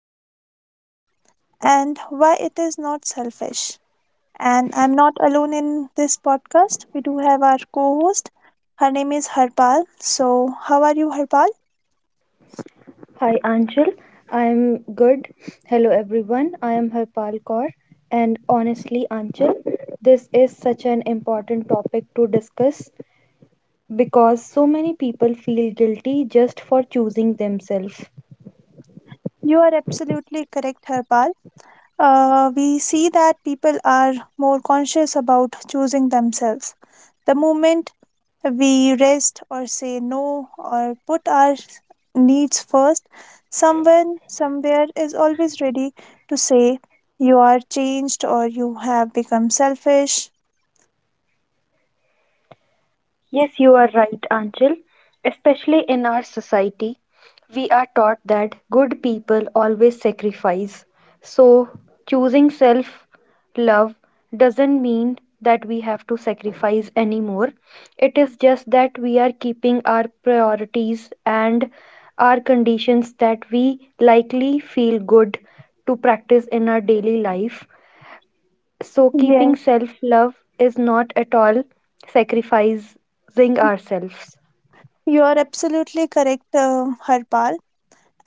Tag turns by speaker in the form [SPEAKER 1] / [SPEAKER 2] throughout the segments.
[SPEAKER 1] self-love and why it is not selfish. And I'm not alone in this podcast. We do have our co-host. Her name is Harpal. So, how are you, Harpal?
[SPEAKER 2] Hi Anshul, I am good. Hello everyone, I am Harpal Kaur. And honestly, Anshul, this is such an important topic to discuss because so many people feel guilty just for choosing themselves.
[SPEAKER 1] You are absolutely correct, Harpal. We see that people are more conscious about choosing themselves. The moment we rest or say no or put our needs first, someone somewhere is always ready to say, "You are changed or you have become selfish."
[SPEAKER 2] Yes, you are right, Anchal. Especially in our society, we are taught that good people always sacrifice. So, choosing self love doesn't mean that we have to sacrifice anymore. It is just that we are keeping our priorities and our conditions that we likely feel good to practice in our daily life. So, keeping
[SPEAKER 1] Yes,
[SPEAKER 2] self love is not at all sacrificing ourselves.
[SPEAKER 1] you are absolutely correct, Harpal.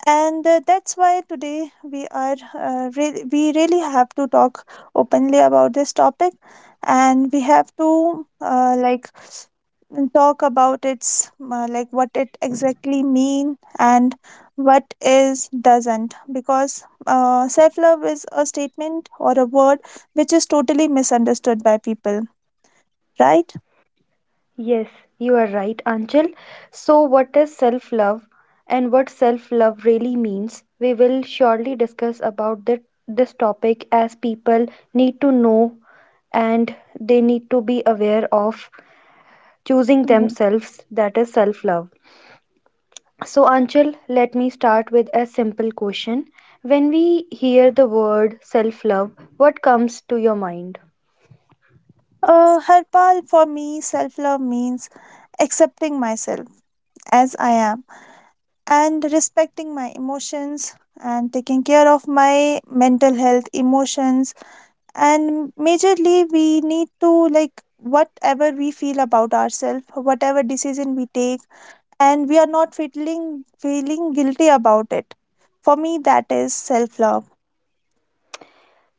[SPEAKER 1] And that's why today we are we really have to talk openly about this topic, and we have to like and talk about its like what it exactly mean and what is doesn't, because self love is a statement or a word which is totally misunderstood by people, right?
[SPEAKER 2] Yes, you are right, Anchal. So, what is self love and what self love really means? We will surely discuss about that, this topic as people need to know and they need to be aware of choosing
[SPEAKER 1] Mhm.
[SPEAKER 2] themselves that is self love. So, Anchal, let me start with a simple question. When we hear the word self love, what comes to your mind?
[SPEAKER 1] Harpal, for me, self love means accepting myself as I am, and respecting my emotions and taking care of my mental health, emotions, and majorly we need to like whatever we feel about ourselves, whatever decision we take, and we are not feeling guilty about it. For me, that is self love.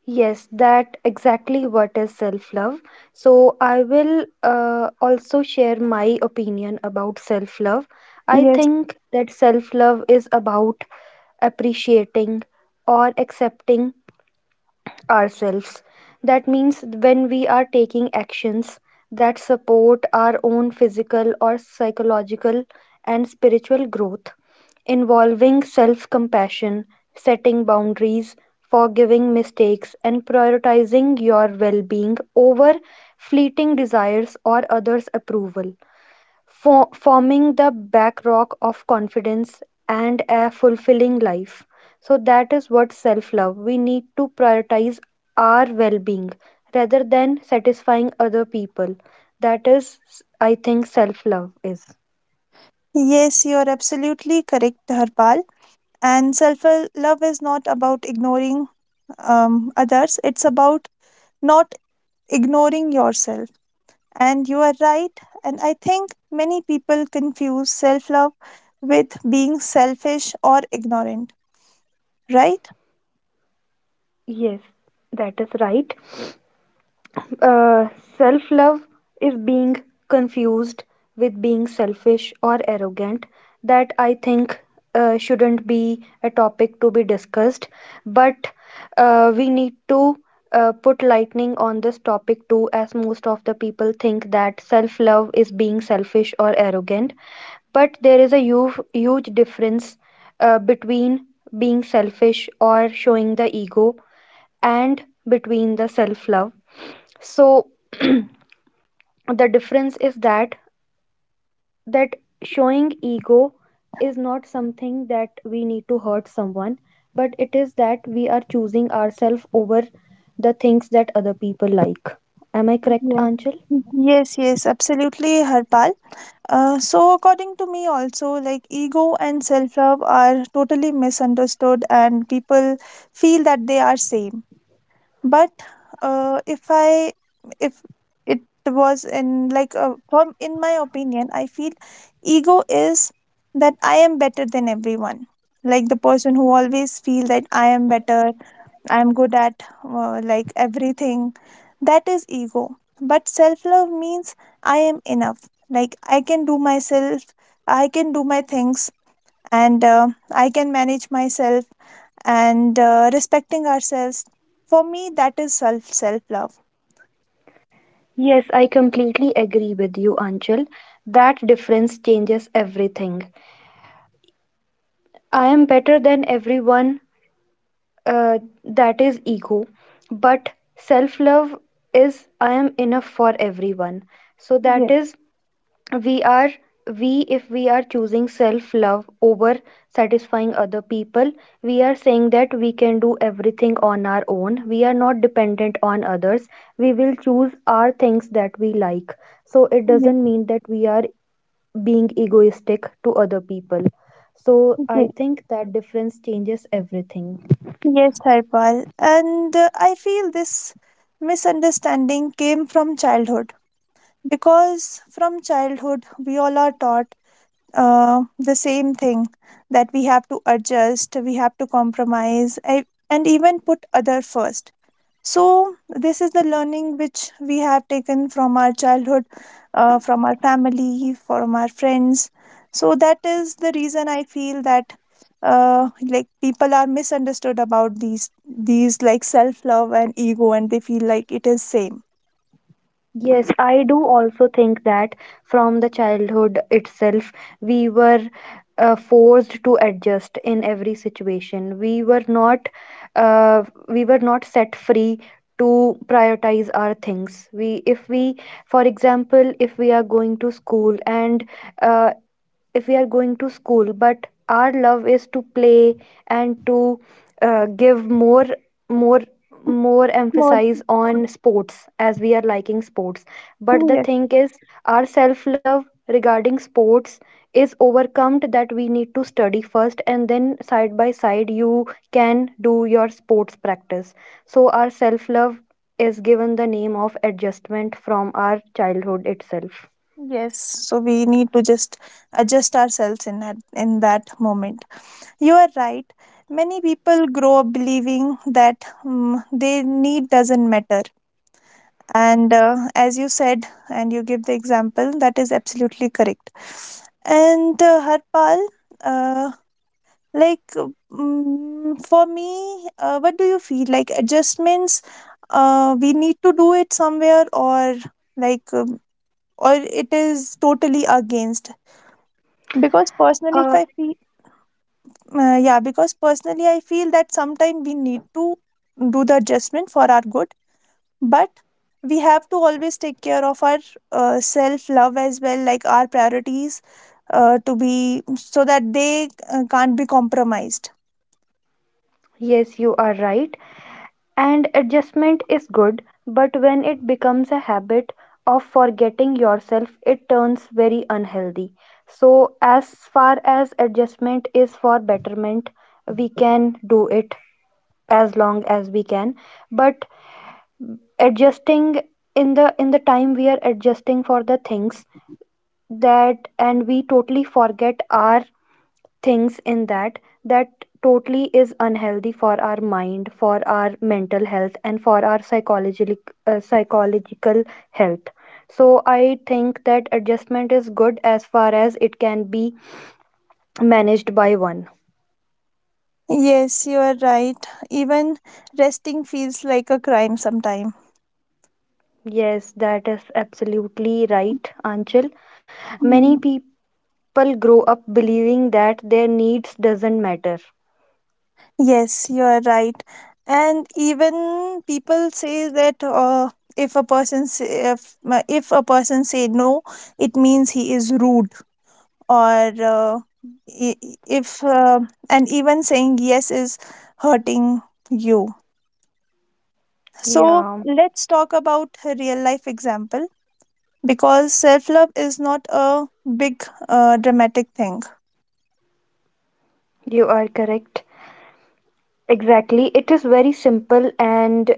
[SPEAKER 2] Yes, that exactly what is self love. So, I will also share my opinion about self love. I
[SPEAKER 1] Yes,
[SPEAKER 2] think that self love is about appreciating or accepting ourselves. That means when we are taking actions that support our own physical or psychological and spiritual growth, involving self compassion, setting boundaries, forgiving mistakes, and prioritizing your well being over fleeting desires or others' approval for forming the backrock of confidence and a fulfilling life. So, that is what self love. We need to prioritize our well being rather than satisfying other people. That is, I think, self love is.
[SPEAKER 1] yes, you are absolutely correct, Harpal. And self love is not about ignoring others. It's about not ignoring yourself. And you are right, and I think many people confuse self love with being selfish or ignorant, right?
[SPEAKER 2] Yes, that is right. Uh, Self love is being confused with being selfish or arrogant. That I think shouldn't be a topic to be discussed, but we need to put lightning on this topic too, as most of the people think that self love is being selfish or arrogant. But there is a huge, huge difference between being selfish or showing the ego and between the self love. So, the difference is that showing ego is not something that we need to hurt someone, but it is that we are choosing ourselves over the things that other people like. Am I correct,
[SPEAKER 1] Yes.
[SPEAKER 2] Anchal?
[SPEAKER 1] Yes, yes, absolutely, Harpal. So, according to me, also, like ego and self love are totally misunderstood, and people feel that they are same. But uh, if i if it was in like from in my opinion, I feel ego is that I am better than everyone, like the person who always feel that I am better, I am good at like everything. That is ego. But self love means I am enough, like I can do myself, I can do my things, and I can manage myself, and respecting ourselves. For me, that is self love.
[SPEAKER 2] Yes, I completely agree with you, Anchal. That difference changes everything. I am better than everyone, uh, that is ego. But self love is I am enough for everyone. So that
[SPEAKER 1] Yes,
[SPEAKER 2] is we are, we if we are choosing self love over satisfying other people, we are saying that we can do everything on our own. We are not dependent on others. We will choose our things that we like. So it
[SPEAKER 1] yes,
[SPEAKER 2] doesn't mean that we are being egoistic to other people. So I
[SPEAKER 1] yes,
[SPEAKER 2] think that difference changes everything.
[SPEAKER 1] yes, Harpal. And I feel this misunderstanding came from childhood, because from childhood we all are taught the same thing, that we have to adjust, we have to compromise, and even put other first. So, this is the learning which we have taken from our childhood, from our family, from our friends. So, that is the reason I feel that like people are misunderstood about these like self love and ego, and they feel like it is same.
[SPEAKER 2] Yes, I do also think that from the childhood itself, we were forced to adjust in every situation. Uh, we were not set free to prioritize our things. We, if we, for example, if we are going to school and uh, if we are going to school, but our love is to play and to give more more
[SPEAKER 1] More-
[SPEAKER 2] emphasis on sports as we are liking sports, but the
[SPEAKER 1] Yes,
[SPEAKER 2] thing is our self love regarding sports is overcome that we need to study first and then side by side you can do your sports practice. So our self love is given the name of adjustment from our childhood itself.
[SPEAKER 1] yes. So we need to just adjust ourselves in that moment. You are right. Many people grow up believing that their need doesn't matter, and as you said and you give the example, that is absolutely correct. And Harpal, uh, like for me, what do you feel like adjustments, we need to do it somewhere, or like or it is totally against, because personally, if
[SPEAKER 2] uh,
[SPEAKER 1] I feel yeah, because personally I feel that sometimes we need to do the adjustment for our good, but we have to always take care of our self love as well, like our priorities, to be so that they can't be compromised.
[SPEAKER 2] yes, you are right. And adjustment is good, but when it becomes a habit of forgetting yourself, it turns very unhealthy. So, as far as adjustment is for betterment, we can do it as long as we can. But adjusting in the time we are adjusting for the things that, and we totally forget our things in that, that totally is unhealthy for our mind, for our mental health, and for our psychological, psychological health. So I think that adjustment is good as far as it can be managed by one.
[SPEAKER 1] Yes, you are right, even resting feels like a crime sometimes.
[SPEAKER 2] Yes, that is absolutely right, Anchal. Many people grow up believing that their needs doesn't matter.
[SPEAKER 1] Yes, you are right. And even people say that if a person say, if a person say no, it means he is rude, or I- if and even saying yes is hurting you. So
[SPEAKER 2] Yeah,
[SPEAKER 1] let's talk about a real life example, because self love is not a big dramatic thing.
[SPEAKER 2] you are correct. Exactly. It is very simple and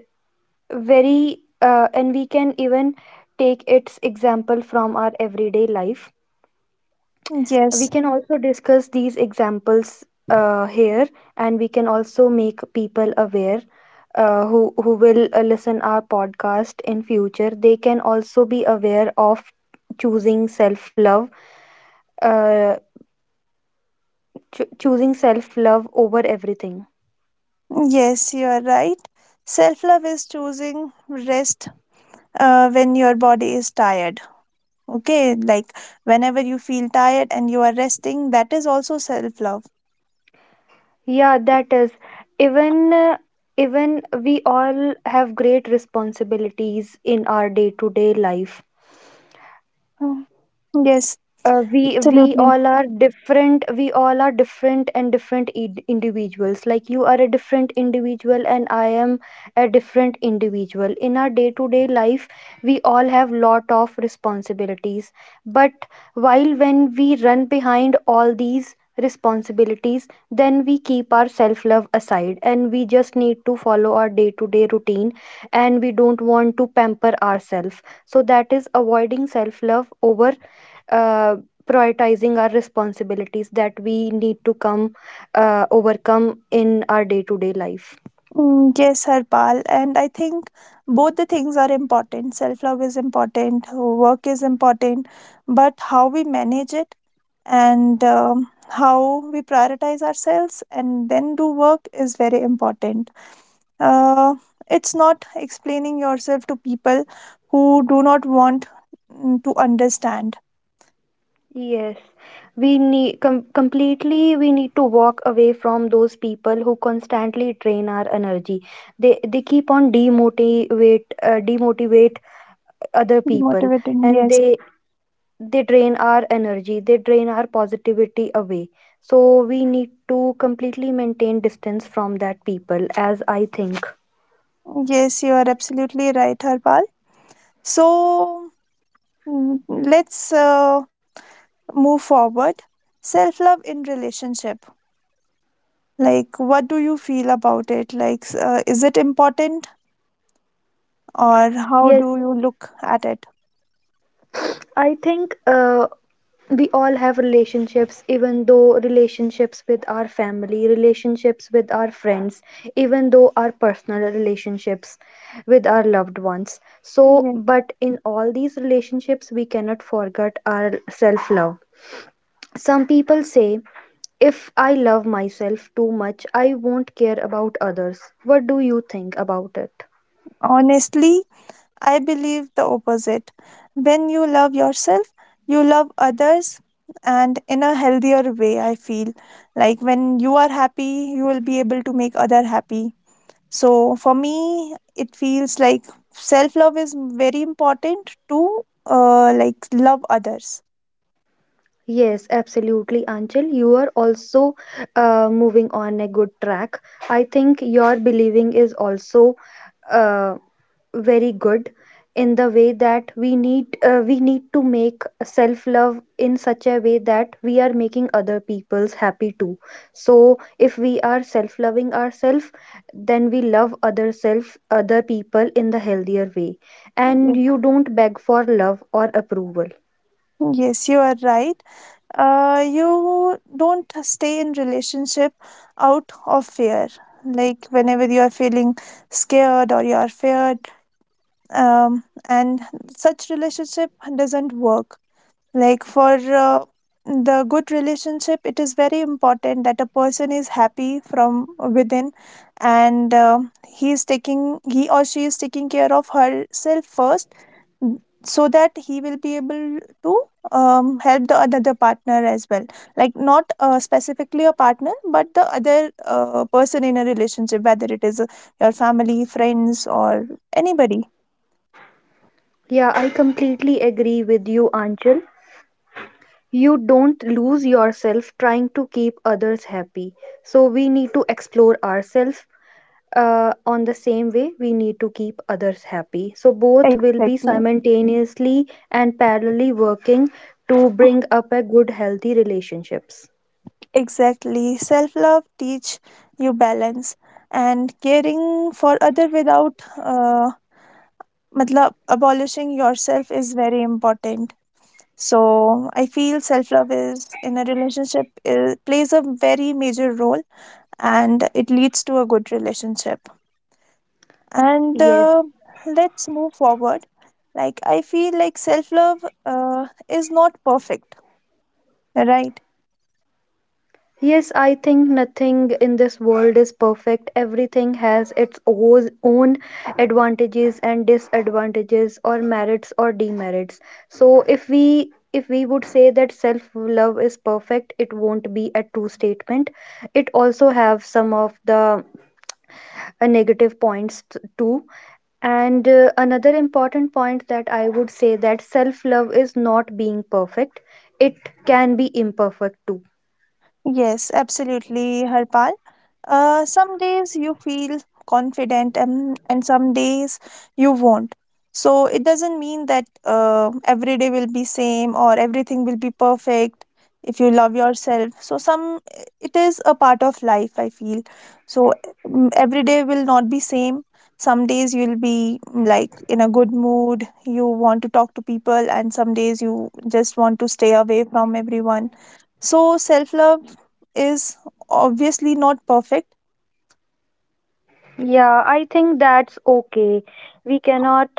[SPEAKER 2] very and we can even take its example from our everyday life. We
[SPEAKER 1] Yes,
[SPEAKER 2] can also discuss these examples here, and we can also make people aware who who will listen our podcast in future. They can also be aware of choosing self love, uh, choosing self love over everything.
[SPEAKER 1] yes, you are right. Self love is choosing rest when your body is tired, okay, like whenever you feel tired and you are resting, that is also self love.
[SPEAKER 2] Yeah, that is. Even even we all have great responsibilities in our day-to-day life.
[SPEAKER 1] Yes,
[SPEAKER 2] We
[SPEAKER 1] absolutely.
[SPEAKER 2] all are different. We all are different and individuals. Like you are a different individual and I am a different individual. In our day to day life, we all have lot of responsibilities, but while when we run behind all these responsibilities, then we keep our self love aside and we just need to follow our day to day routine and we don't want to pamper ourselves. So that is avoiding self love over uh, prioritizing our responsibilities that we need to come overcome in our day-to-day life.
[SPEAKER 1] Mm, yes, Harpal, and I think both the things are important. Self love is important, work is important, but how we manage it, and how we prioritize ourselves and then do work is very important. Uh, it's not explaining yourself to people who do not want to understand.
[SPEAKER 2] Yes. We need completely, we need to walk away from those people who constantly drain our energy. They keep on demotivate other people,
[SPEAKER 1] Motivating,
[SPEAKER 2] and
[SPEAKER 1] yes.
[SPEAKER 2] they drain our energy, they drain our positivity away. So we need to completely maintain distance from that people, as I think.
[SPEAKER 1] Yes, you are absolutely right, Harpal. So let's move forward, self love in relationship. Like what do you feel about it, like is it important, or how
[SPEAKER 2] Yes.
[SPEAKER 1] do you look at it?
[SPEAKER 2] I think we all have relationships, even though relationships with our family, relationships with our friends, even though our personal relationships with our loved ones. So,
[SPEAKER 1] Yes.
[SPEAKER 2] but in all these relationships, we cannot forget our self love. Some people say, if I love myself too much, I won't care about others. What do you think about it?
[SPEAKER 1] Honestly, I believe the opposite. When you love yourself, you love others, and in a healthier way, I feel. Like when you are happy, you will be able to make other happy. So for me, it feels like self love is very important to like love others.
[SPEAKER 2] Yes, absolutely, Anchal. You are also moving on a good track. I think your believing is also uh, very good in the way that we need to make self love in such a way that we are making other people's happy too. So if we are self loving ourselves, then we love other self other people in the healthier way, and
[SPEAKER 1] Yes,
[SPEAKER 2] you don't beg for love or approval.
[SPEAKER 1] yes, you are right. You don't stay in relationship out of fear. Like whenever you are feeling scared or you are feared, and such relationship doesn't work. Like for the good relationship, it is very important that a person is happy from within, and he or she is taking care of herself first, so that he will be able to help the other partner as well, like not specifically a partner, but the other person in a relationship, whether it is a your family, friends, or anybody.
[SPEAKER 2] Yeah, I completely agree with you, Anchal. You don't lose yourself trying to keep others happy. So we need to explore ourselves on the same way we need to keep others happy. So both will be
[SPEAKER 1] Exactly.
[SPEAKER 2] simultaneously and parallelly working to bring up a good, healthy relationships.
[SPEAKER 1] Exactly. Self love teach you balance, and caring for other without matlab, abolishing yourself is very important. So I feel self love is in a relationship, plays a very major role, and it leads to a good relationship. And
[SPEAKER 2] Yes.
[SPEAKER 1] let's move forward. Like I feel like self love is not perfect, right?
[SPEAKER 2] Yes, I think nothing in this world is perfect. Everything has its own advantages and disadvantages or merits or demerits. So if we would say that self love is perfect, it won't be a true statement. It also have some of the negative too. And another important point that I would say that self love is not being perfect. It can be imperfect too.
[SPEAKER 1] Yes, absolutely, Harpal. Some days you feel confident, and some days you won't. So it doesn't mean that every day will be same or everything will be perfect if you love yourself. So some it is a part of life, I feel. So every day will not be same. Some days you'll be like in a good mood, you want to talk to people, and some days you just want to stay away from everyone. So self love is obviously not perfect.
[SPEAKER 2] Yeah, I think that's okay. We cannot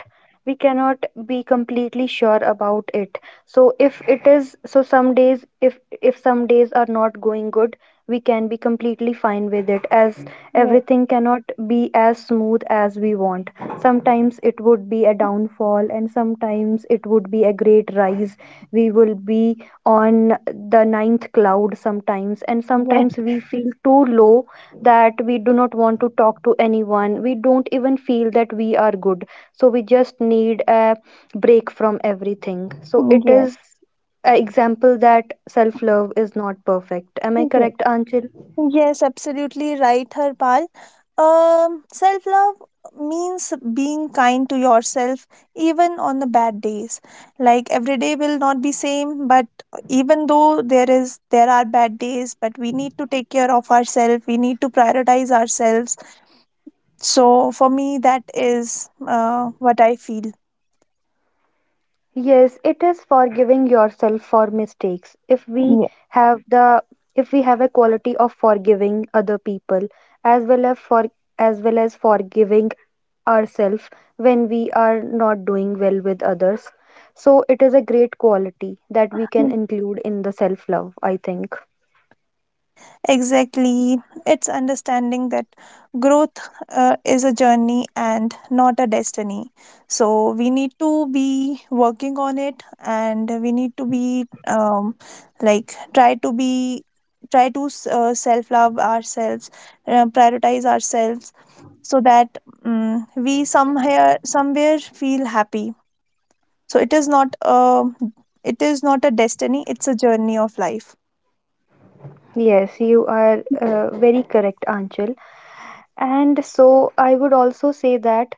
[SPEAKER 2] we cannot be completely sure about it. So if it is so, some days, if some days are not going good, we can be completely fine with it, as
[SPEAKER 1] Yes,
[SPEAKER 2] everything cannot be as smooth as we want. Sometimes it would be a downfall and sometimes it would be a great rise. We will be on the ninth cloud sometimes and
[SPEAKER 1] yes,
[SPEAKER 2] sometimes we feel too low that we do not want to talk to anyone. We don't even feel that we are good. So we just need a break from everything. So it
[SPEAKER 1] yes,
[SPEAKER 2] is an example that self love is not perfect. Am I
[SPEAKER 1] yes,
[SPEAKER 2] correct, Anchil?
[SPEAKER 1] yes, absolutely right, Harpal. Self love means being kind to yourself even on the bad days. Like every day will not be same, but even though there are bad days, but we need to take care of ourselves. We need to prioritize ourselves. So for me, that is what I feel.
[SPEAKER 2] Yes, it is forgiving yourself for mistakes.
[SPEAKER 1] Yeah.
[SPEAKER 2] Have the if we have a quality of forgiving other people as well as forgiving ourselves when we are not doing well with others. So it is a great quality that we can include in the self-love, I think.
[SPEAKER 1] Exactly. It's understanding that growth is a journey and not a destiny. So we need to be working on it, and we need to be like try to self love ourselves, prioritize ourselves, so that we somewhere feel happy. So it is not a destiny, it's a journey of life.
[SPEAKER 2] Yes, you are very correct, Anchal. And so I would also say that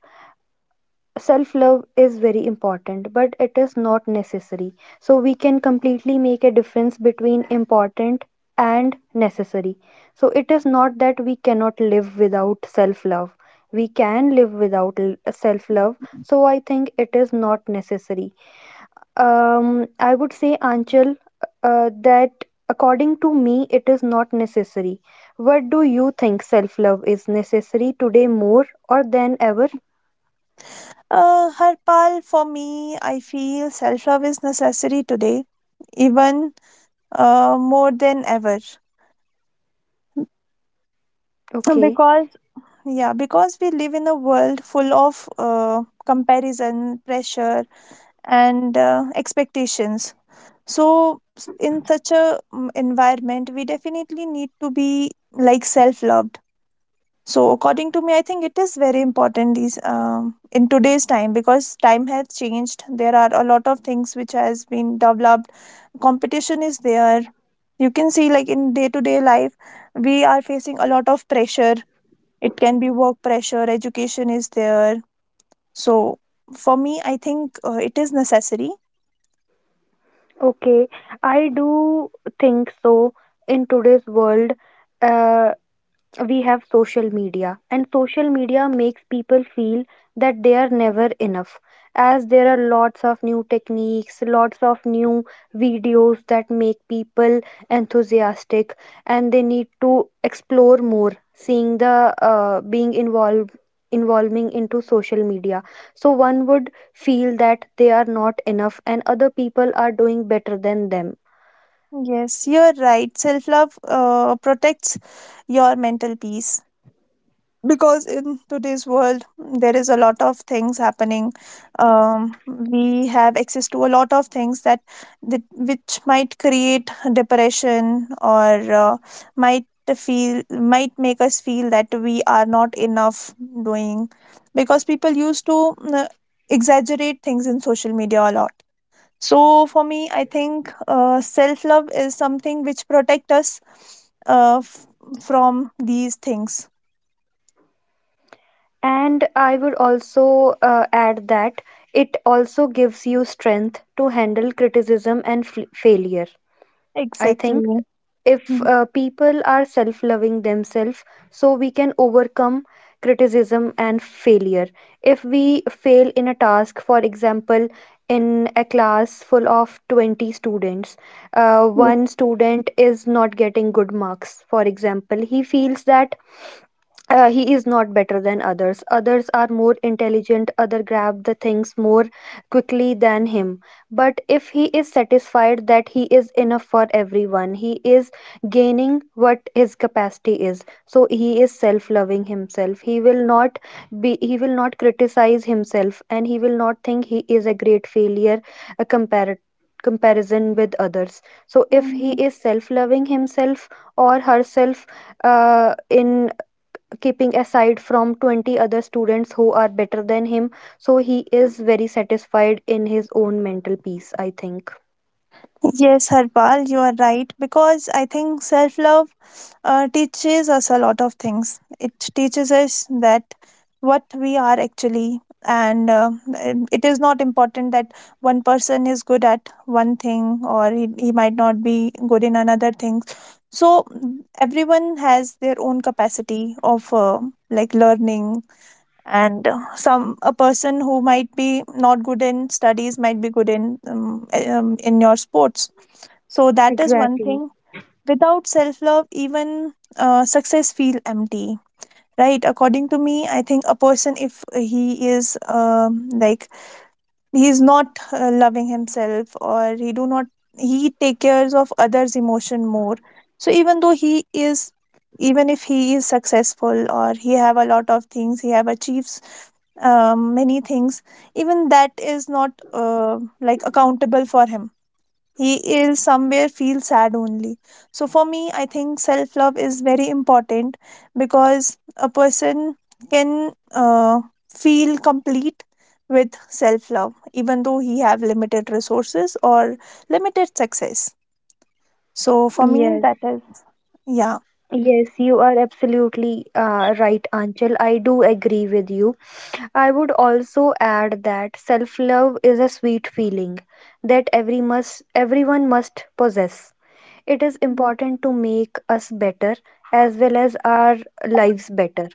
[SPEAKER 2] self love is very important but it is not necessary. So we can completely make a difference between important and necessary. So it is not that we cannot live without self love. We can live without self love. So I think it is not necessary. Um, I would say Anchal, that according to me it is not necessary. What do you think, self love is necessary today more or than ever?
[SPEAKER 1] Harpal, for me, I feel self love is necessary today, even more than ever.
[SPEAKER 2] Okay.
[SPEAKER 1] Because, yeah, because we live in a world full of comparison, pressure, and expectations. So, in such a environment, we definitely need to be like self loved. So according to me, I think it is very important these in today's time, because time has changed. There are a lot of things which has been developed. Competition is there. You can see like in day to day life, we are facing a lot of pressure. It can be work pressure, education is there. So for me, I think it is necessary.
[SPEAKER 2] Okay, I do think so in today's world. Uh, we have social media, and social media makes people feel that they are never enough, as there are lots of new techniques, lots of new videos that make people enthusiastic and they need to explore more seeing the being involved involving into social media. So one would feel that they are not enough and other people are doing better than them.
[SPEAKER 1] Yes, you're right. Self love protects your mental peace. Because in today's world, there is a lot of things happening. We have access to a lot of things that which might create depression, or might might make us feel that we are not enough doing, because people used to exaggerate things in social media a lot. So for me, I think self love is something which protect us, uh, f- from these things.
[SPEAKER 2] And I would also add that it also gives you strength to handle criticism and failure. I think
[SPEAKER 1] Exactly.
[SPEAKER 2] if
[SPEAKER 1] Mm,
[SPEAKER 2] people are self loving themselves, so we can overcome criticism and failure. If we fail in a task, for example, in a class full of 20 students,
[SPEAKER 1] yes.
[SPEAKER 2] one student is not getting good marks, for example, he feels that he is not better than others, others are more intelligent, other grab the things more quickly than him, but if he is satisfied that he is enough for everyone, he is gaining what his capacity is, so he is self loving himself. He will not be, he will not criticize himself, and he will not think he is a great failure, a comparison with others. So if he
[SPEAKER 1] Mhm.
[SPEAKER 2] is self loving himself or herself in keeping aside from 20 other students who are better than him, so he is very satisfied in his own mental peace, I think.
[SPEAKER 1] Yes, Harpal, you are right. Because I think self love teaches us a lot of things. It teaches us that what we are actually, and uh, and it is not important that one person is good at one thing, or he might not be good in another thing. So everyone has their own capacity of like learning, and some a person who might be not good in studies might be good in your sports. So that is one
[SPEAKER 2] Exactly.
[SPEAKER 1] thing. Without self love, even success feel empty, right? According to me, I think a person, if he is like he's not loving himself, or he do not, he take cares of others emotion more, so even though he is, even if he is successful, or he have a lot of things, he have achieves many things, even that is not like accountable for him. He is somewhere feels sad only. So for me, I think self love is very important, because a person can uh, feel complete with self love even though he have limited resources or limited success. So for me,
[SPEAKER 2] Yes.
[SPEAKER 1] that is yeah.
[SPEAKER 2] Yes, you are absolutely right, Anchal. I do agree with you. I would also add that self-love is a sweet feeling that everyone must possess. It is
[SPEAKER 1] Yes.
[SPEAKER 2] important to make us better as well as our lives better.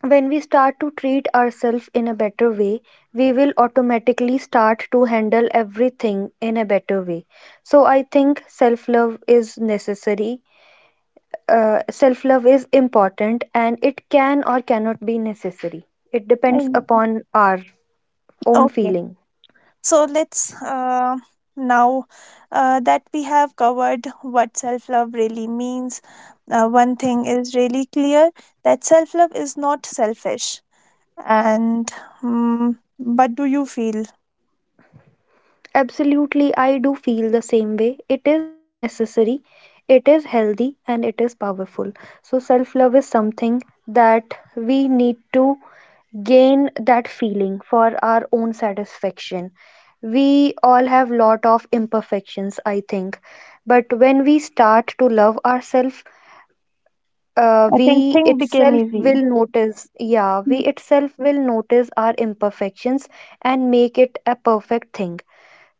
[SPEAKER 2] When we start to treat ourselves in a better way, we will automatically start to handle everything in a better way. So I think self love is necessary. Self love is important and it can or cannot be necessary. It
[SPEAKER 1] I,
[SPEAKER 2] depends upon our own
[SPEAKER 1] okay.
[SPEAKER 2] feeling.
[SPEAKER 1] So let's now that we have covered what self love really means, one thing is really clear, that self love is not selfish. And what do you feel?
[SPEAKER 2] Absolutely, I do feel the same way. It is necessary, it is healthy, and it is powerful. So, self love is something that we need to gain that feeling for our own satisfaction. We all have lot of imperfections, I think, but when we start to love ourselves,
[SPEAKER 1] I think thing became easy.
[SPEAKER 2] we
[SPEAKER 1] Mm,
[SPEAKER 2] itself will notice our imperfections and make it a perfect thing.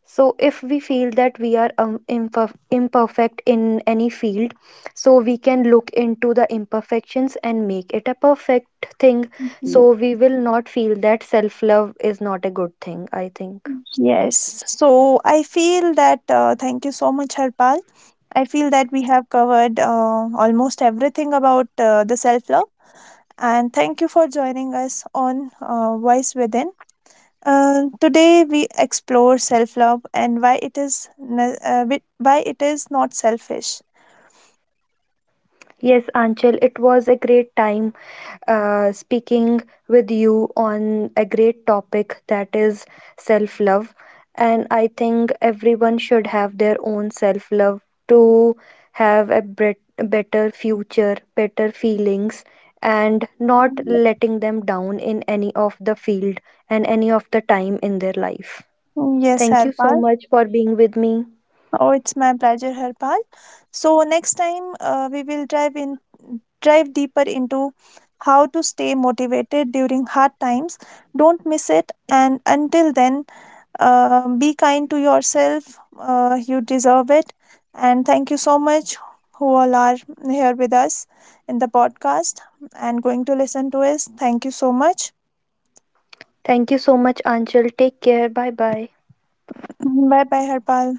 [SPEAKER 2] So, if we feel that we are imperfect in any field, so we can look into the imperfections and make it a perfect thing.
[SPEAKER 1] mm, mm.
[SPEAKER 2] So, we will not feel that self love is not a good thing, I think.
[SPEAKER 1] Yes. So I feel that, thank you so much, Harpal. I feel that we have covered almost everything about the self love. And thank you for joining us on Voice Within. Today we explore self-love and why it is why it is not selfish.
[SPEAKER 2] Yes, Anchal, it was a great time speaking with you on a great topic that is self love. And I think everyone should have their own self love to have a better future, better feelings, and not letting them down in any of the field and any of the time in their life.
[SPEAKER 1] Yes,
[SPEAKER 2] Thank you so
[SPEAKER 1] Harpal.
[SPEAKER 2] much for being with me.
[SPEAKER 1] Oh, it's my pleasure, Harpal. So next time we will drive deeper into how to stay motivated during hard times. Don't miss it. And until then, be kind to yourself. You deserve it. And thank you so much, who all are here with us in the podcast and going to listen to us. Thank you so much.
[SPEAKER 2] Thank you so much, Anchal. Take care. Bye bye.
[SPEAKER 1] Bye bye, Harpal.